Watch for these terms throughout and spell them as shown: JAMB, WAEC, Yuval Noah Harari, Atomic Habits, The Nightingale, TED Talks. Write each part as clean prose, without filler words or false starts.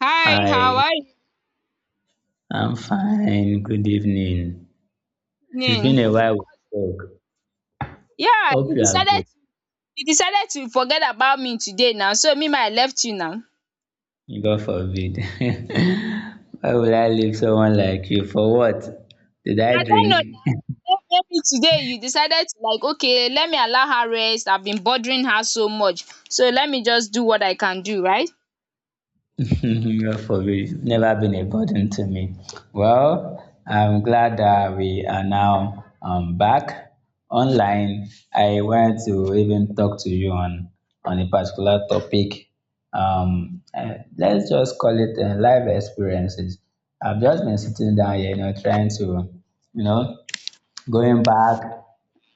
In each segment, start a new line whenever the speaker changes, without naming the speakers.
Hi, how
Hi,
are you
I'm fine. Good evening. It's been
doing?
a while we talk.
Yeah,
Hope
you
you are
decided
good.
you decided to forget about me today now, so me ma I left you now. I
God forbid. Why would I leave someone like you? For what? Did I
don't know
drink?
now. May maybe today you decided to like, okay, let me allow her rest. I've been bothering her so much. So let me just do what I can do, right?
Go for It's never been a burden to me. Well, I'm glad that we are now back online. I want to even talk to you on a particular topic. Let's just call it life experiences. I've just been sitting down here, you know, trying to, you know, going back,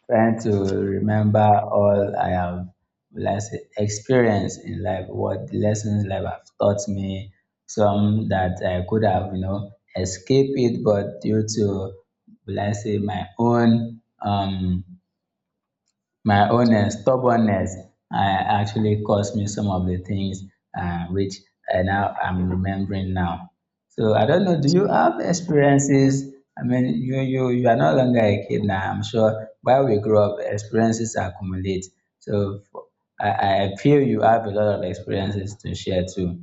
trying to remember all I have, will I say, experienced in life, what the lessons life have taught me, some that I could have, escaped it, but due to, will I say, my own stubbornness actually caused me some of the things which I now am remembering now. So I don't know, do you have experiences? I mean, you are no longer a kid now. I'm sure while we grow up, experiences accumulate. So for- I feel you have a lot of experiences to share too.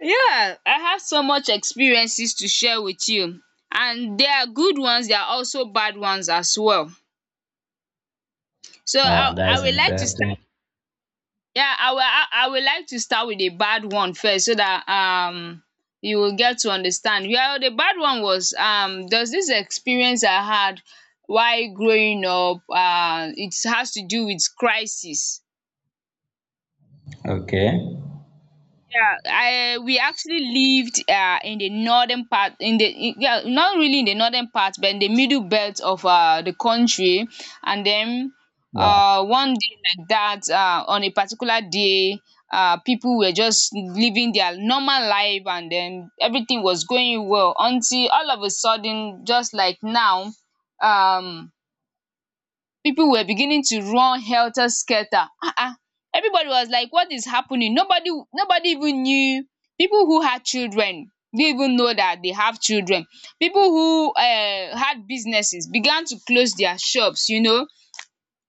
Yeah, I have so much experiences to share with you. And there are good ones, there are also bad ones as well. So
Wow,
I
that
I
is
would like to
interesting.
start. Yeah, I will like to start with the bad one first so that you will get to understand. Well, the bad one was, there's this experience I had while growing up. It has to do with crisis.
Okay.
Yeah, I we actually lived in the northern part, in the yeah, not really in the northern part, but in the middle belt of the country. And then
Yeah.
one day like that, on a particular day, people were just living their normal life, and then everything was going well until all of a sudden, just like now, um people were beginning to run helter-skelter. Everybody was like, what is happening? Nobody even knew. People who had children didn't even know that they have children. People who had businesses began to close their shops, you know.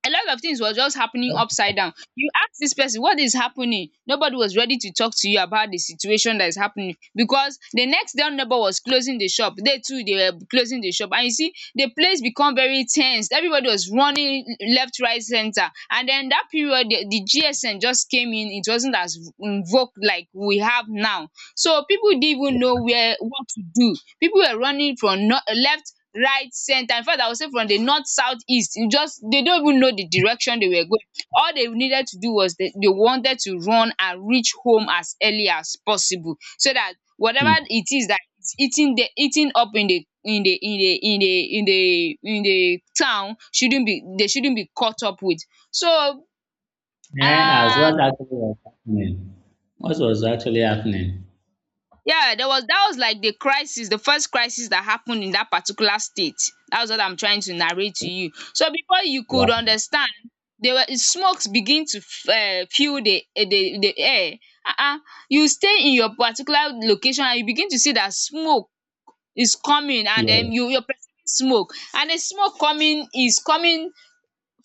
A lot of things was just happening upside down. You ask this person, what is happening? Nobody was ready to talk to you about the situation that is happening, because the next door neighbor was closing the shop. They too, they were closing the shop, and you see the place become very ten sed. Everybody was running left, right, center. And then that period, the GSM just came in. It wasn't as invoke like we have now. So people didn't even know where, what to do. People were running from, no, left, right, center. In fact, I would say from the north, south, east. You just, they don't even know the direction they were going. All they needed to do was, they wanted to run and reach home as early as possible, so that whatever
Hmm.
it is that is eating, the eating up in the in the in the in the in the in the town shouldn't be, they shouldn't be caught up with. So
Yeah, as
um
what actually was happening. What was actually happening?
yeah, there was that was like the crisis, the first crisis that happened in that particular state. That's what I'm trying to narrate to you. So before you could
Wow.
understand, there were smokes begin to fill the, the air. Uh-uh. You stay in your particular location and you begin to see that smoke is coming, and
Yeah.
then you're perceiving smoke, and the smoke coming is coming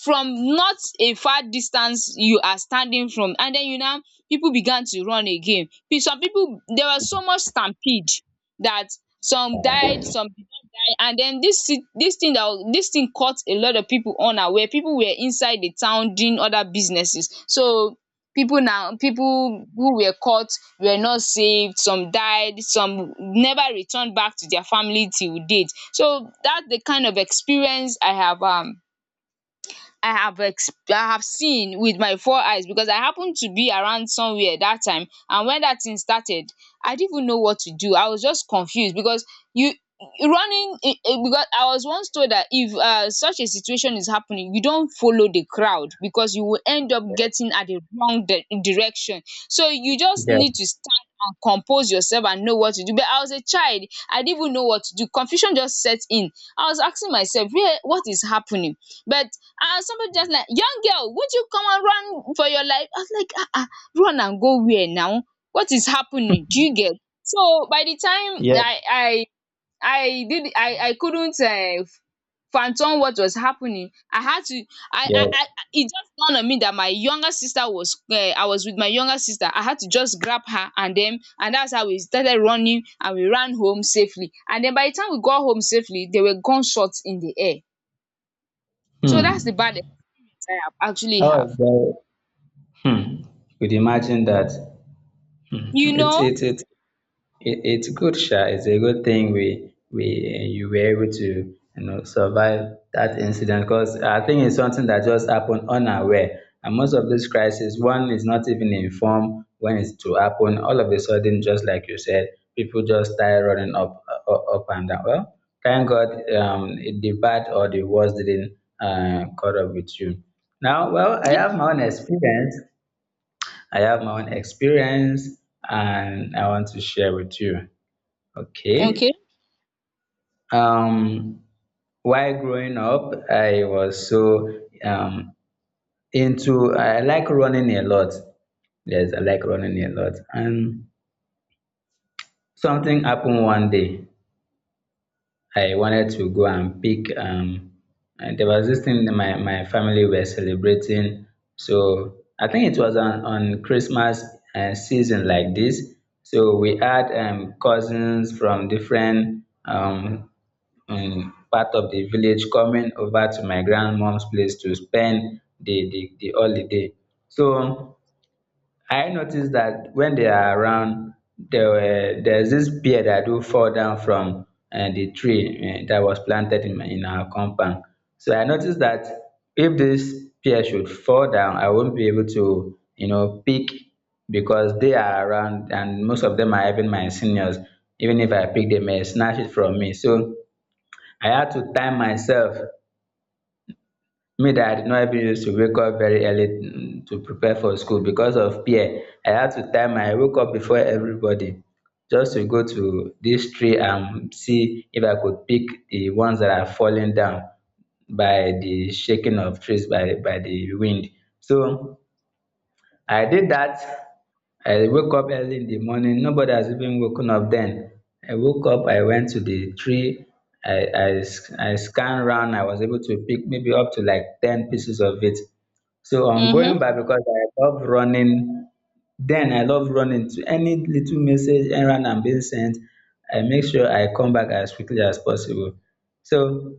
from not a far distance you are standing from. And then you now, people began to run again. Some people, there was so much stampede that some died, some did not die. And then this thi- this thing that was this thing caught a lot of people unaware. People were inside the town doing other businesses. So people who were caught were not saved. Some died, some never returned back to their family till date. So that's the kind of experience I have. I have ex I have seen with my four eyes, because I happened to be around somewhere that time. And when that thing started, I didn't even know what to do. I was just confused, because you running I- because I was once told that if such a situation is happening, you don't follow the crowd, because you will end up getting at the wrong di direction. So you just
Yeah.
need to stand and compose yourself and know what to do. But I was a child, I didn't even know what to do. Confusion just set in. I was asking myself, where, what is happening? But somebody just like, young girl, would you come and run for your life? I was like, ah ah, run and go where now? What is happening? Do you get? So by the time I did I couldn't fathom what was happening. I had to
Yeah.
I it just dawned on me that my younger sister was I was with my younger sister. I had to just grab her, and that's how we started running, and we ran home safely. And then by the time we got home safely, there were gunshots in the air. So that's the
Hmm.
bad I have, actually
Oh,
have.
well. Hmm. You could imagine that. Hmm.
You know?
It's good, Sha. It's a good thing we you were able to survive that incident, because I think it's something that just happened unaware. And most of these crises, one is not even informed when it's to happen. All of a sudden, just like you said, people just start running up and down. Well, thank God, the bad or the worst didn't caught up with you. Now, well, I
Yeah.
have my own experience. I have my own experience, and I want to share with you. Okay.
Okay.
Um, while growing up, I was so into, I like running a lot. Yes, I like running a lot. And something happened one day. I wanted to go and pick, and there was this thing that my family were celebrating. So I think it was on Christmas season like this. So we had cousins from different part of the village coming over to my grandmom's place to spend the holiday. So I noticed that when they are around, there's this pear that do fall down from the tree that was planted in our compound. So I noticed that if this pear should fall down, I won't be able to pick, because they are around and most of them are even my seniors. Even if I pick, they may snatch it from me. So I had to time myself, me that I no even used to wake up very early to prepare for school, because of peer, I had to time I woke up before everybody, just to go to this tree and see if I could pick the ones that are falling down by the shaking of trees, by the wind. So I did that. I woke up early in the morning. Nobody has even woken up then. I woke up, I went to the tree. I scanned around. I was able to pick maybe up to like 10 pieces of it. So I'm going
Mm-hmm.
back, because I love running. Then I love running to any little message, errand I'm being sent. I make sure I come back as quickly as possible. So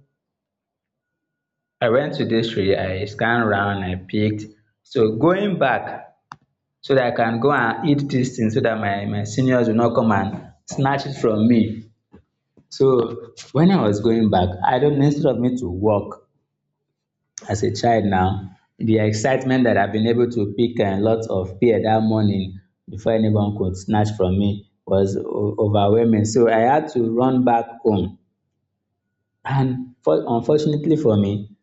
I went to this tree, I scanned around, I picked. So going back, so that I can go and eat this thing so that my seniors will not come and snatch it from me. So when I was going back, I don't instead of me to work as a child now, the excitement that I've been able to pick a lot of pear that morning before anyone could snatch from me was overwhelming. So I had to run back home. And unfortunately for me,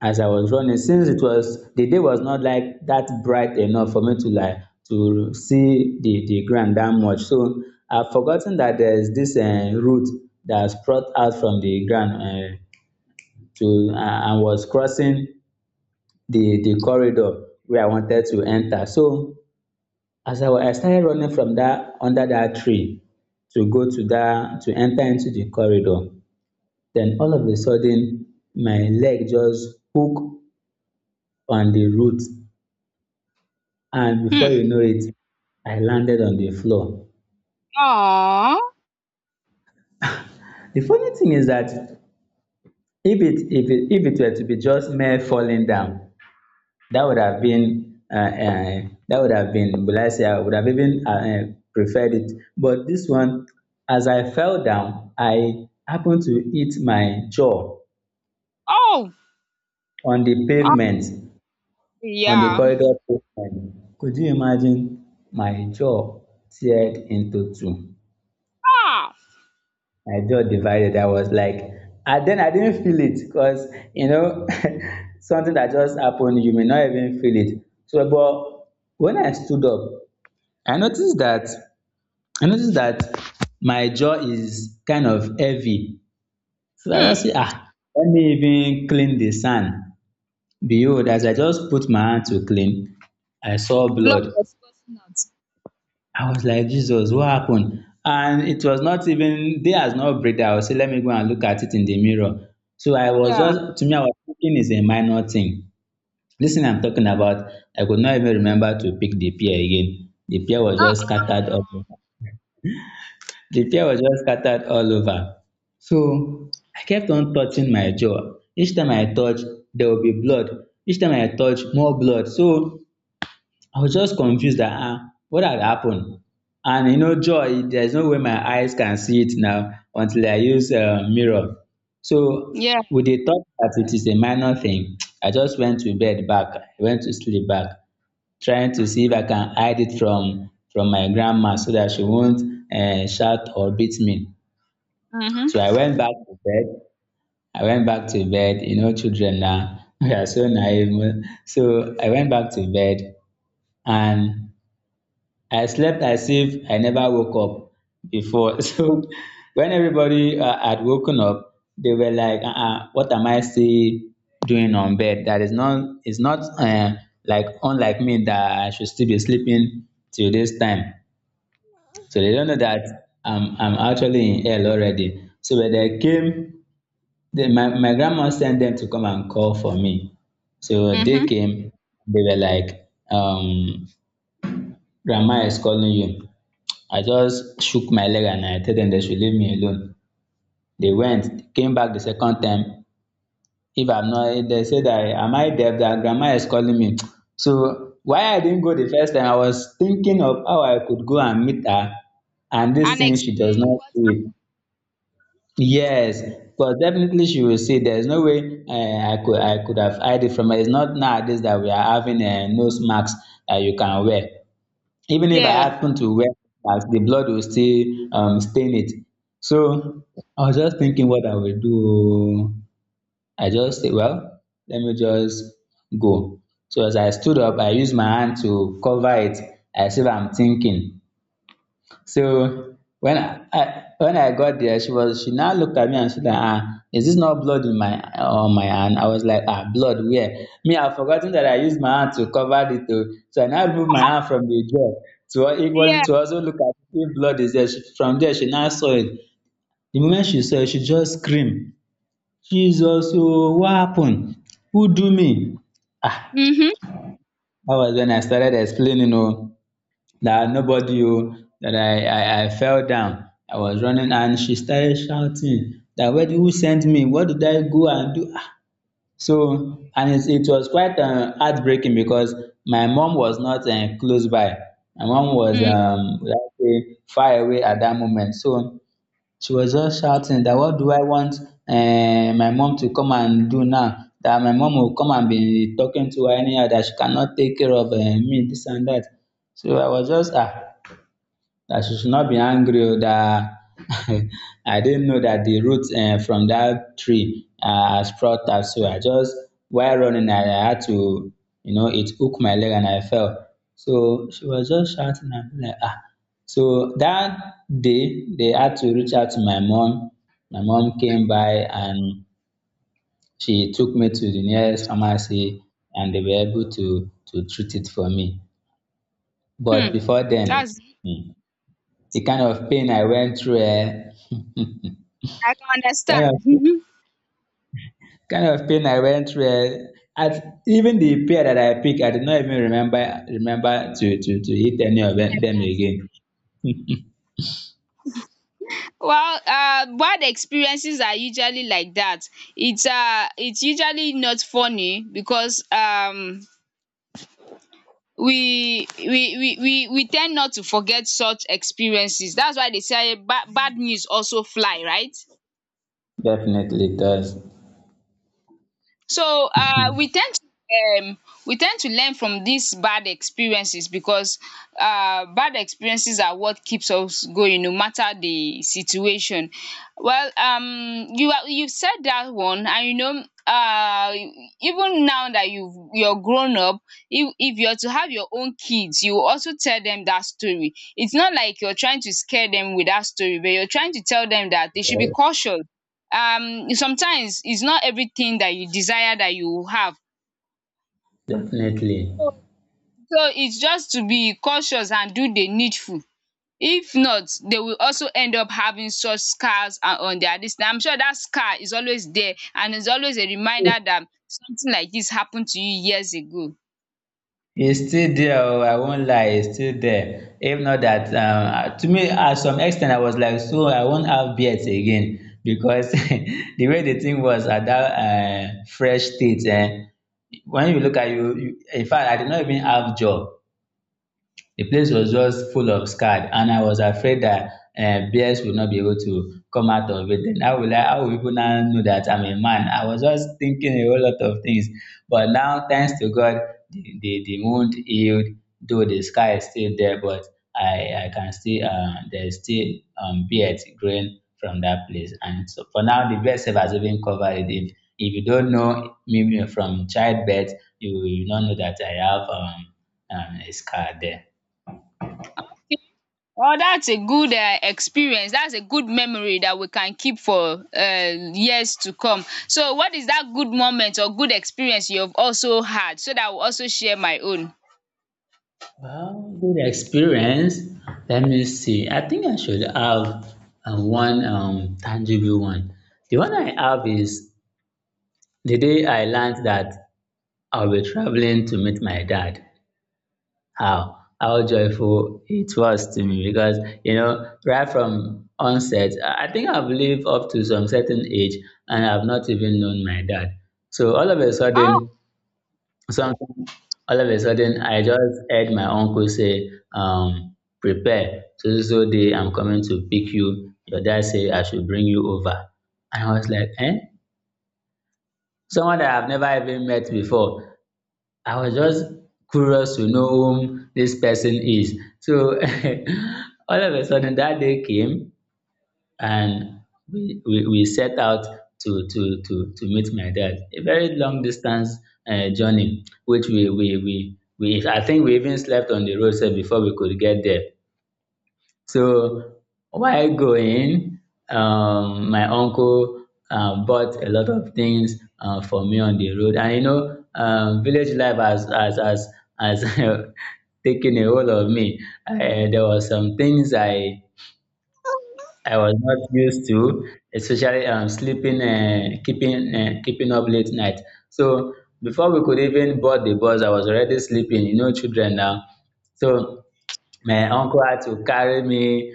as I was running, since it was the day was not like that bright enough for me to like to see the ground that much. So I've forgotten that there's this root that sprout out from the ground, to and was crossing the corridor where I wanted to enter. So I started running from that under that tree, to go to that to enter into the corridor, then all of a sudden my leg just hook on the root and, before
Hmm.
you know it, I landed on the floor.
Aww.
The funny thing is that if it were to be just mere falling down, that would have been uh, uh, that would have been, will I say, I would have even, preferred it. But this one, as I fell down, I happened to hit my jaw
Oh.
on the
Oh.
pavement on the
Yeah.
corridor pavement. Could you imagine? My jaw teared into two.
Ah.
My jaw divided. I was like, and then I didn't feel it, because, you know something that just happened, you may not even feel it. So, but when I stood up, I noticed that, I noticed that my jaw is kind of heavy. So I
Hmm.
just say, ah, let me even clean the sand. Behold, as I just put my hand to clean, I saw
Blood
blood.
was gushing out.
I was like, Jesus, what happened? And it was not even day, has not break, that I will say let me go and look at it in the mirror. So I was
Yeah.
just to me, I was thinking it's a minor thing, this thing I'm talking about. I could not even remember to pick the pear again. The pear was
Uh.
just scattered all over. The pear was just scattered all over. So I kept on touching my jaw. Each time I touch, there will be blood. Each time I touch, more blood. So I was just confused that, what had happened. And joy, there's no way my eyes can see it now until I use a mirror. So
Yeah.
with the thought that it is a minor thing, I just went to bed back, I went to sleep back, trying to see if I can hide it from my grandma so that she won't shout or beat me. So
Mm-hmm.
I went back to bed. I went back to bed. You know, children now, we are so naive. So I went back to bed and I slept as if I never woke up before. So when everybody had woken up, they were like, uh-uh, what am I still doing on bed? That is not, it's not like unlike me that I should still be sleeping till this time. So they don't know that I'm actually in hell already. So when they came, my grandma sent them to come and call for me. So they
Mm-hmm.
came, they were like, Grandma is calling you. I just shook my leg and I told them they should leave me alone. They went, came back the second time. If I'm not, They said that, am I deaf? That grandma is calling me. So why I didn't go the first time, I was thinking of how I could go and meet her, and this
And
thing she does
explain
not
what
see it.
happened.
Yes, but definitely she will see. There's no way I could have hide it from her. It's not nowadays that we are having nose masks that you can wear. Even if I
Yeah.
happen to wear slippers, the blood will still, stain it. So I was just thinking what I will do. I just said, well, let me just go. So as I stood up, I used my hand to cover it as if I'm thinking. So when I when I got there, she now looked at me and said, "Ah, is this not blood in my on my hand?" I was like, "Ah, blood where?" Me, I've forgotten that I used my hand to cover it. Oh. So I now moved my hand from the door
Yeah.
to also look at if blood is there. From there, she now saw it. The moment she saw it, she just screamed, "Jesus! Oh, what happened? Who do me?" Ah,
Mm-hmm.
that was when I started explaining. Oh, that nobody oh that I fell down. I was running and she started shouting that where, who sent me? What did I go and do? Ah. So and it was quite heartbreaking, because my mom was not, close by. My mom was,
Mm-hmm.
let's say, far away at that moment. So she was just shouting that what do I want my mom to come and do now? That my mom will come and be talking to her anyhow that she cannot take care of me, this and that. So I was just ah that she should not be angry o that I didn't know that the root from that tree sprout up. So I just while running, I had to, it hooked my leg and I fell. So she was just shouting and be like, ah. So that day, they had to reach out to my mom. My mom came by and she took me to the nearest pharmacy and they were able to treat it for me. But
Hmm.
before then,
That's
hmm, the kind of pain I went through, eh,
I can
kind
understand.
of
Mhm.
kind of pain I went through. Eh, at, even the pair that I picked, I did not even remember to hit any of them
Like that. Eh?
again.
Well, bad experiences are usually like that. It's usually not funny, because we tend not to forget such experiences. That's why they say bad bad news also fly, right?
Definitely does.
So we tend to learn from these bad experiences, because bad experiences are what keeps us going, no matter the situation. Well, you said that one, and even now that you're grown up, if you're to have your own kids, you will also tell them that story. It's not like you're trying to scare them with that story, but you're trying to tell them that they should be cautious. Sometimes it's not everything that you desire that you have.
Definitely.
so so it's just to be cautious and do the needful. If not, they will also end up having such scars. And on their this thing, I'm sure that scar is always there, and is always a reminder that something like this happened to you years ago.
E still there? Oo won't lie, e still there. If not that um, to me at some ex ten t, I was like, so I won't have beards again because the way the thing was at that fresh state, when you look at you in fact, I did not even have jaw. The place was just full of scared and I was afraid that bears would not be able to come out of it. Then how will people now know that I'm a man? I was just thinking a whole lot of things. But now, thanks to God, the wound healed, though the scar is still there, but I can still, there's still beards growing from that place. And so for now, the bed self has even covered it. If you don't know me from childbirth, you will not know that I have a scar there.
Oh, that's a good experience. That's a good memory that we can keep for years to come. So what is that good moment or good experience you have also had, so that I will also share my own?
Well, good experience. Let me see. I think I should have one tangible one. The one I have is the day I learned that I'll be traveling to meet my dad. How joyful it was to me because you know right from onset, I think I've lived up to some certain age and I've not even known my dad. So all of a sudden,
um
so all of a sudden, I just heard my uncle say, prepare, so so so day I'm coming to pick you. Your dad say I should bring you over. And I was like, eh? Someone that I've never even met before. I was just curious to know whom this person is. So all of a sudden that day came and we set out to meet my dad. A very long distance journey, which I think we even slept on the roadside before we could get there. So while going, my uncle bought a lot of things for me on the road. And you know, village life has taken a hold of me. Uh, there were some things I was not used to, especially sleeping, keeping up late night. So before we could even board the bus, I was already sleeping. You know, children now. So my uncle had to carry me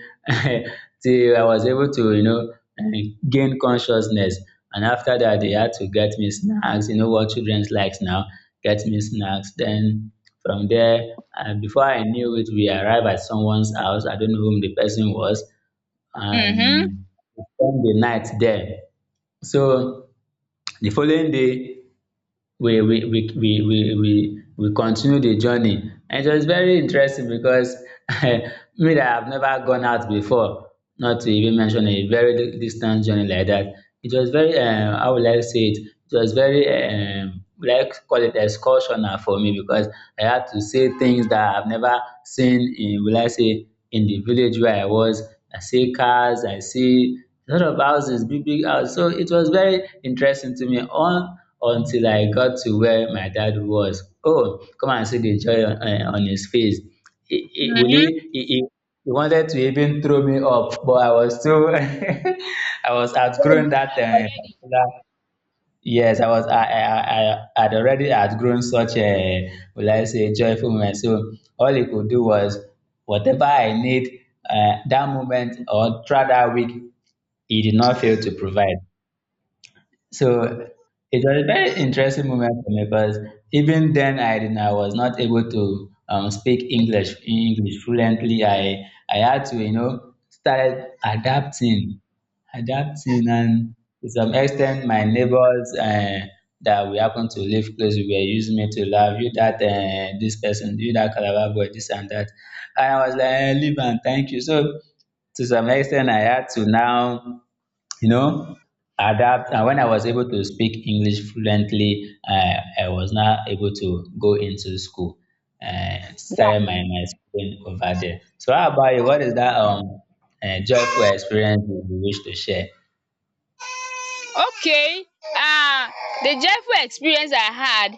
till I was able to, you know, eh, gain consciousness. And after that, they had to get me snacks. You know what children likes now? Get me snacks. Then from there, before I knew it, we arrived at someone's house. I don't know whom the person was
Mhm.
and we spend the night there. So the following day we continue the journey and it was very interesting because me that have never gone out before, not to even mention a very distant journey like that. It was very um, how will I say it, it was very like, call it excursion na for me because I had to see things that I've never seen in, will I say in the village where I was. I see cars, I see lot of houses, big big house. So it was very interesting to me on until I got to where my dad was. Oh, come and see the joy on, eh, on his face. He, will
Mhm.
he wanted to even throw me up, but I was too, I was
You're
outgrown
grown
that
up already.
particular. Yes, I was. I had already outgrown such a, will I say, joyful moment. So all he could do was whatever I need that moment or throughout that week, he did not fail to provide. So it was a very interesting moment for me because even then I was not able to speak English fluently. I had to, you know, started adapting, adapting, and to some extent my neighbors. That we happen to live close, were using me to laugh. You that this person, you that Calabar boy, this and that. And I was like, eh, leave and thank you. So to some extent, I had to now, you know, adapt. And when I was able to speak english fluently, I was now able to go into school and started
Wow.
my my schooling over there. So how about you, what is that joyful experience you wish to share?
Okay. Uh the joyful experience I had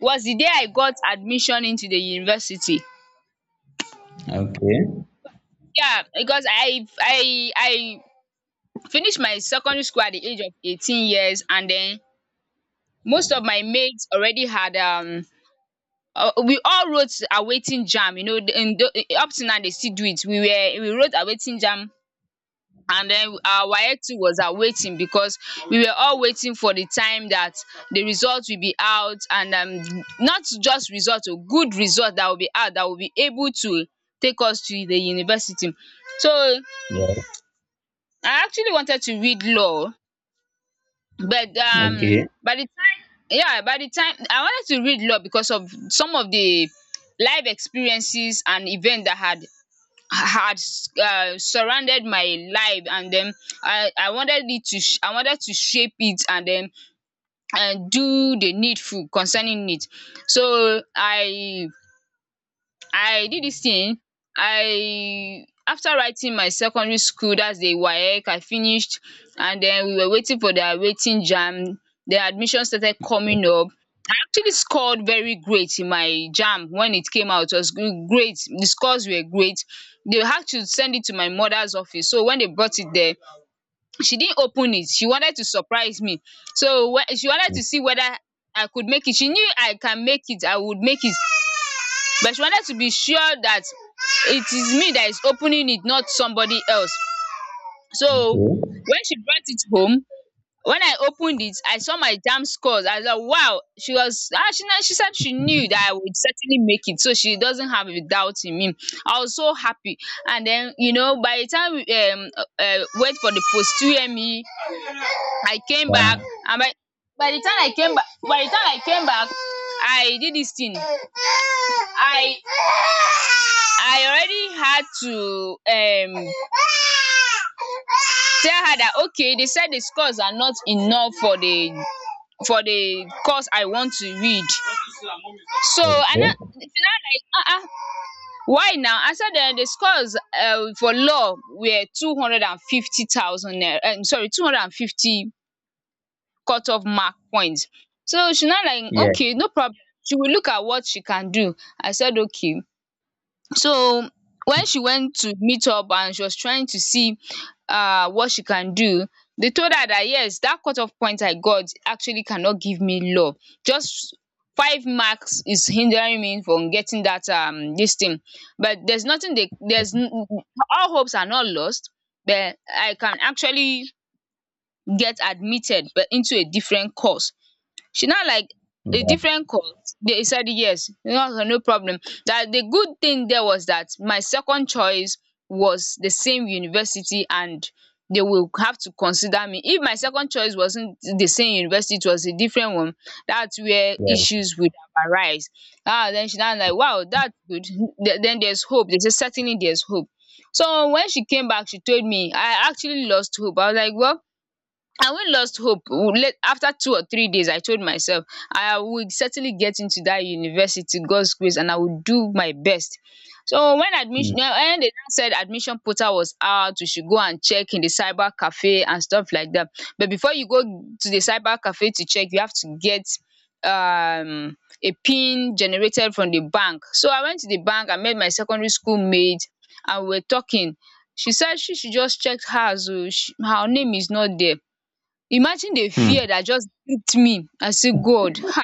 was the day I got admission into the university.
Okay.
Yeah, because I finished my secondary school at the age of 18 years. And then most of my mates already had, we all wrote awaiting jam, up to now they still do it. We wrote awaiting jam, and then our WAEC too was awaiting, because we were all waiting for the time that the result will be out. And not just result o, good result that will be out, that will be able to take us to the university. So
Yeah.
I actually wanted to read law, but
Okay.
by the time yeah, by the time I wanted to read law, because of some of the life experiences and event that had had surrounded my life. And then I wanted to shape it, and do the needful concerning it. So I did this thing. I, after writing my secondary school, that's the WAEC I finished. And then we were waiting for the waiting jam. The admission started coming up. Actually scored very great in my JAMB when it came out. It was great. The scores were great. They had to send it to my mother's office. So when they brought it there, she didn't open it. She wanted to surprise me. So when she wanted to see whether I could make it. She knew I can make it. I would make it. But she wanted to be sure that it is me that is opening it, not somebody else. So
Okay.
when she brought it home, when I opened it, I saw my JAMB scores. I was like, wow. She was, ah, she, she said she knew that I would certainly make it. So she doesn't have a doubt in me. I was so happy. And then, by the time we wait for the posterior me, I came back.
Yeah.
And by the time I came back, by the time I came back, I did this thing. I I already had to tell her that okay, they said the scores are not enough for the course I want to read. So and that
Okay.
it's not like why now? I said, the scores, for law were 250,000. Sorry, 250 cutoff mark points. So she, not like,
Yeah,
okay, no problem. She will look at what she can do. I said okay. So when she went to meet up and she was trying to see what she can do, they told her that yes, that cut off point I got actually cannot give me love. Just five marks is hindering me from getting that this thing, but there's nothing they all hopes are not lost, but I can actually get admitted, but into a different course. She now like a
yeah,
different course, they said yes, no no problem. That the good thing there was that my second choice was the same university and they will have to consider me. If my second choice wasn't the same university, it was a different one, that's where
yeah.
issues would have arise. Ah, then she now like wow, that's good. Then there's hope, they say certainly there's hope. So when she came back, she told me I actually lost hope. I was like, well, I when lost hope W- late after 2 or 3 days I told myself I would certainly get into that university God's grace, and I would do my best. So when
Hmm.
admission when they now said admission portal was out, we should go and check in the cyber cafe and stuff like that, but before you go to the cyber cafe to check, you have to get um a pin generated from the bank. So I went to the bank, I met my secondary school mate, and we were talking, she said she should just check hers oo, her name is not there. Imagine the
Hmm.
fear that just gripped me. I say God,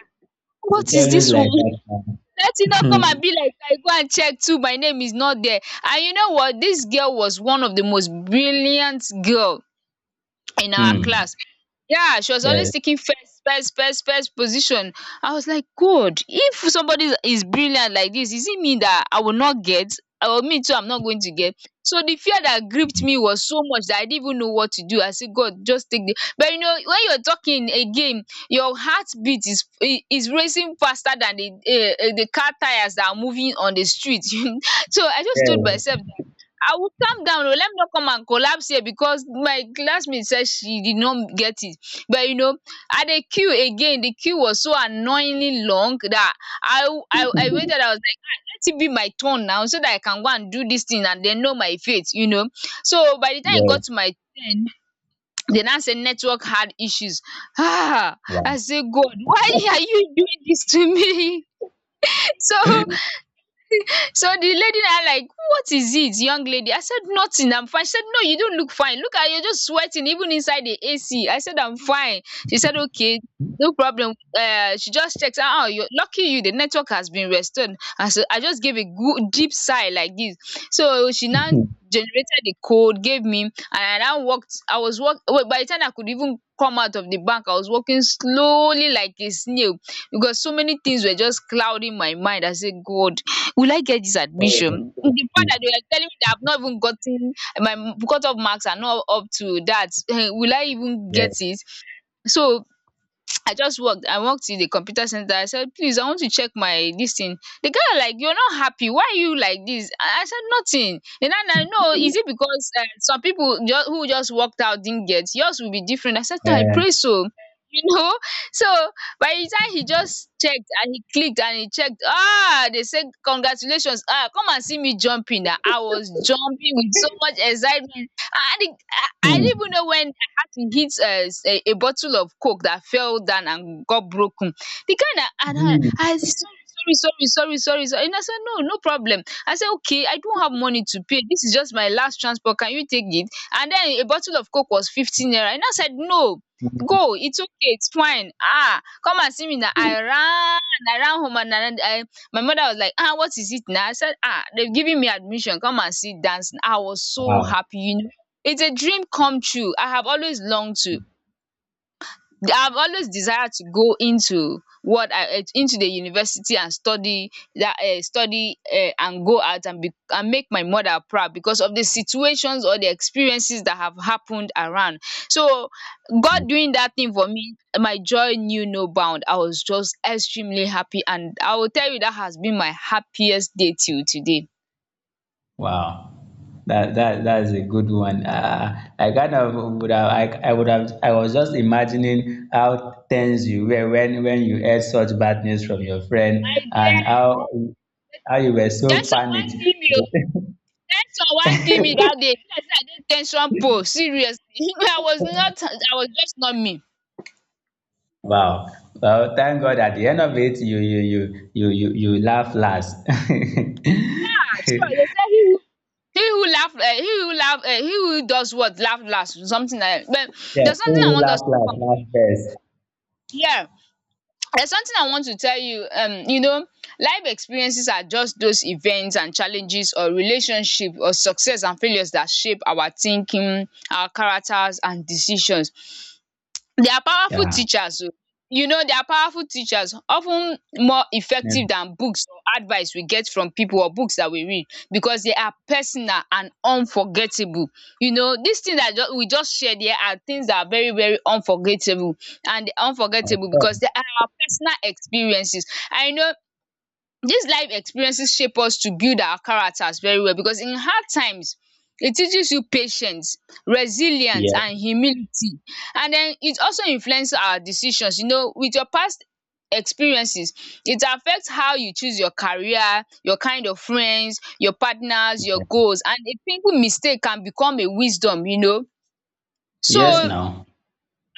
It's
what is
always
this
like
one?
that
Let
man.
it not come
Hmm.
and be like I go and check too my name is not there. And you know what? This girl was one of the most brilliant girl in our
Hmm.
class. Yeah, she was always
Yes,
taking first, first, first, first position. I was like, God, if somebody is brilliant like this, is it me that I will not get? Or me too, I'm not going to get. So the fear that gripped me was so much that I didn't even know what to do. I said, God, just take the. But you know, when you're talking again, your heartbeat is is racing faster than the car tires that are moving on the street. So I just told
yes,
myself I will calm down oo, let me no come and collapse here because my classmate said she did not get it. But you know, at the queue again, the queue was so annoyingly long that I waited. I was like, let it be my turn now so that I can go and do this thing and they know my fate, you know. So by the time it
yes.
got to my turn, they now said network had issues. Ah, I
Wow.
say God, why are you doing this to me? so so the lady now like, what is it, young lady? I said, nothing, I'm fine. She said, no, you don't look fine. Look at you, just sweating even inside the AC. I said, I'm fine. She said, okay, no problem. She just checks, "Ah, oh, you're lucky you, the network has been restored." And so I just gave a good deep sigh like this. So she now generated the code, gave me, and I now walked. I was walk. Well, by the time I could even come out of the bank, I was walking slowly like a snail because so many things were just clouding my mind. I said, God, will I get this
Oh,
admission? The fact
yes.
that they are telling me that I've not even gotten my cut off marks are not up to that, eh, will I even get
Yes.
it? So I just walked. I walked to the computer center. I said, please, I want to check my this thing. The guy like, you're not happy. Why are you like this? I said nothing. And then I know is it because some people just, who just walked out didn't get, yours will be different. I said no, I pray
uh,
so. You know, so by the time he just checked and he clicked and he checked, ah, they said congratulations. Ah, come and see me jumping. Ah, I was jumping with so much excitement. I didn't
hmm.
even know when had to hit a bottle of coke that fell down and got broken. The kind of and I
Hmm.
I said, sorry sorry sorry sorry sorry, and I said no no problem. I said okay, I don't have money to pay, this is just my last transport, can you take it? And then a bottle of coke was 15 naira. And I said no go, it's okay, it's fine. Ah, come and see me. Now I ran, I ran home and I my mother was like, ah, what is it now? I said, ah, they've given me admission, come and sit dance. I was so
Wow.
happy, you know, it's a dream come true. I have always longed to. I've always desired to go into what I into the university and study that study and go out and be and make my mother proud because of the situations or the experiences that have happened around. So God doing that thing for me, my joy knew no bound. I was just extremely happy and I will tell you that has been my happiest day till today.
Wow. That that that is a good one. I kind of would have, I would have, I was just imagining how tense you were when you heard such bad news from your friend
My
and
dear,
how you were so
that's all. Wan
panicked.
kill ten sion wan kill me dat day e be like sey I dey ten sion pole seriously. I was not, I was just numbing.
Wow. Well, thank God at the end of it you laugh last.
Sure dey say he who he who laugh he who does what laugh last, something like dat. But
Yeah,
there's
who
something I
will
want
laugh
us to
last, laugh
conclude,
first.
yeah, there's something I want to tell you, you know, life experiences are just those events and challenges or relationship or success and failures that shape our thinking, our characters and decisions. Their powerful
Yeah.
teachers oh, you know, their powerful teachers of ten more
Yes.
effective than books or advice we get from pipu or books dat we read because they are personal and unforgettable. You know, dis thing dat we just share, there are things dat are very very unforgettable, and
Of
unforgettable
course.
because they are our personal experiences. I know dis life experiences shape us to build our characters very well because in hard times it teaches you patience, resilience and
Yeah.
humility. And den it also influence our decisions. You know, with your past experiences, it affect how you choose your career, your kind of friends, your partners, your goals, and a simple mistake can become a wisdom, you know.
Yes
So,
now.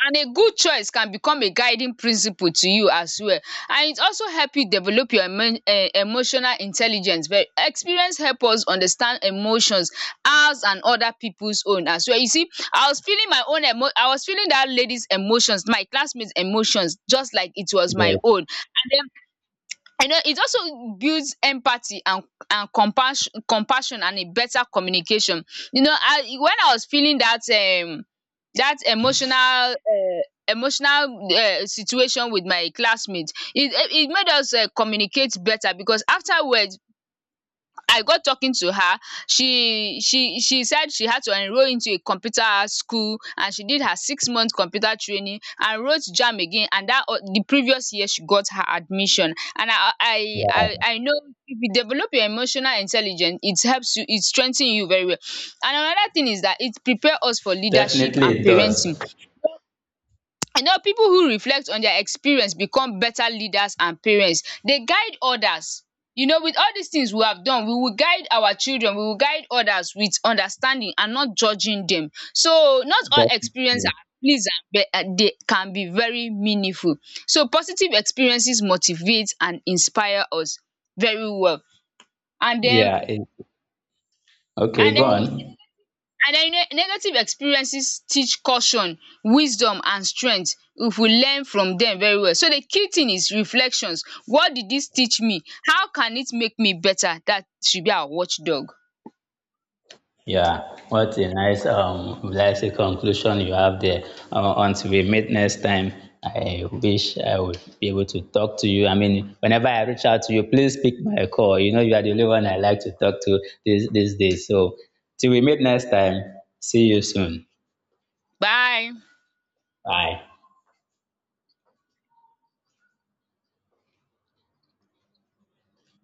and a good choice can become a guiding principle to you as well. And it also help you develop your emotional intelligence. Very experience help us understand emotions, ours and other peoples own as well. You see, I was feeling my own emo I was feeling that lady's emotions, my classmates emotions just like it was
Yeah.
my own. And you know, it also builds empathy and compassion and a better communication. You know, I when I was feeling that that emotional emotional situation with my classmates, it made us communicate better because afterwards. I got talking to her. She said she had to enroll into a computer school, and she did her 6 month computer training and wrote JAMB again, and that the previous year she got her admission. And I I I,
Yeah,
I know if you develop your emotional intelligence, it helps you, it strengthens you very well. And another thing is that it prepare us for leadership and
definitely it does.
parenting. You know, people who reflect on their experience become better leaders and parents. They guide others. You know, with all these things we have done, we will guide our children, we will guide others with understanding and not judging them. So not all experience
Definitely.
are pleasant, but they can be very meaningful. So positive experiences motivate and inspire us very well, and then,
Yeah. It, okay,
and
go
then.
on.
Negative experiences teach caution, wisdom and strength if we learn from dem very well. So the key thing is reflections. What did this teach me? How can it make me better? That should be our watch dog.
Yeah, what a nice, let's say conclusion you have there. Until we meet next time, I wish I would be able to talk to you. I mean, whenever I reach out to you, please pick my call. You know, you are the only one I like to talk to these days. So, till we meet next time, see you soon.
Bye.
Bye.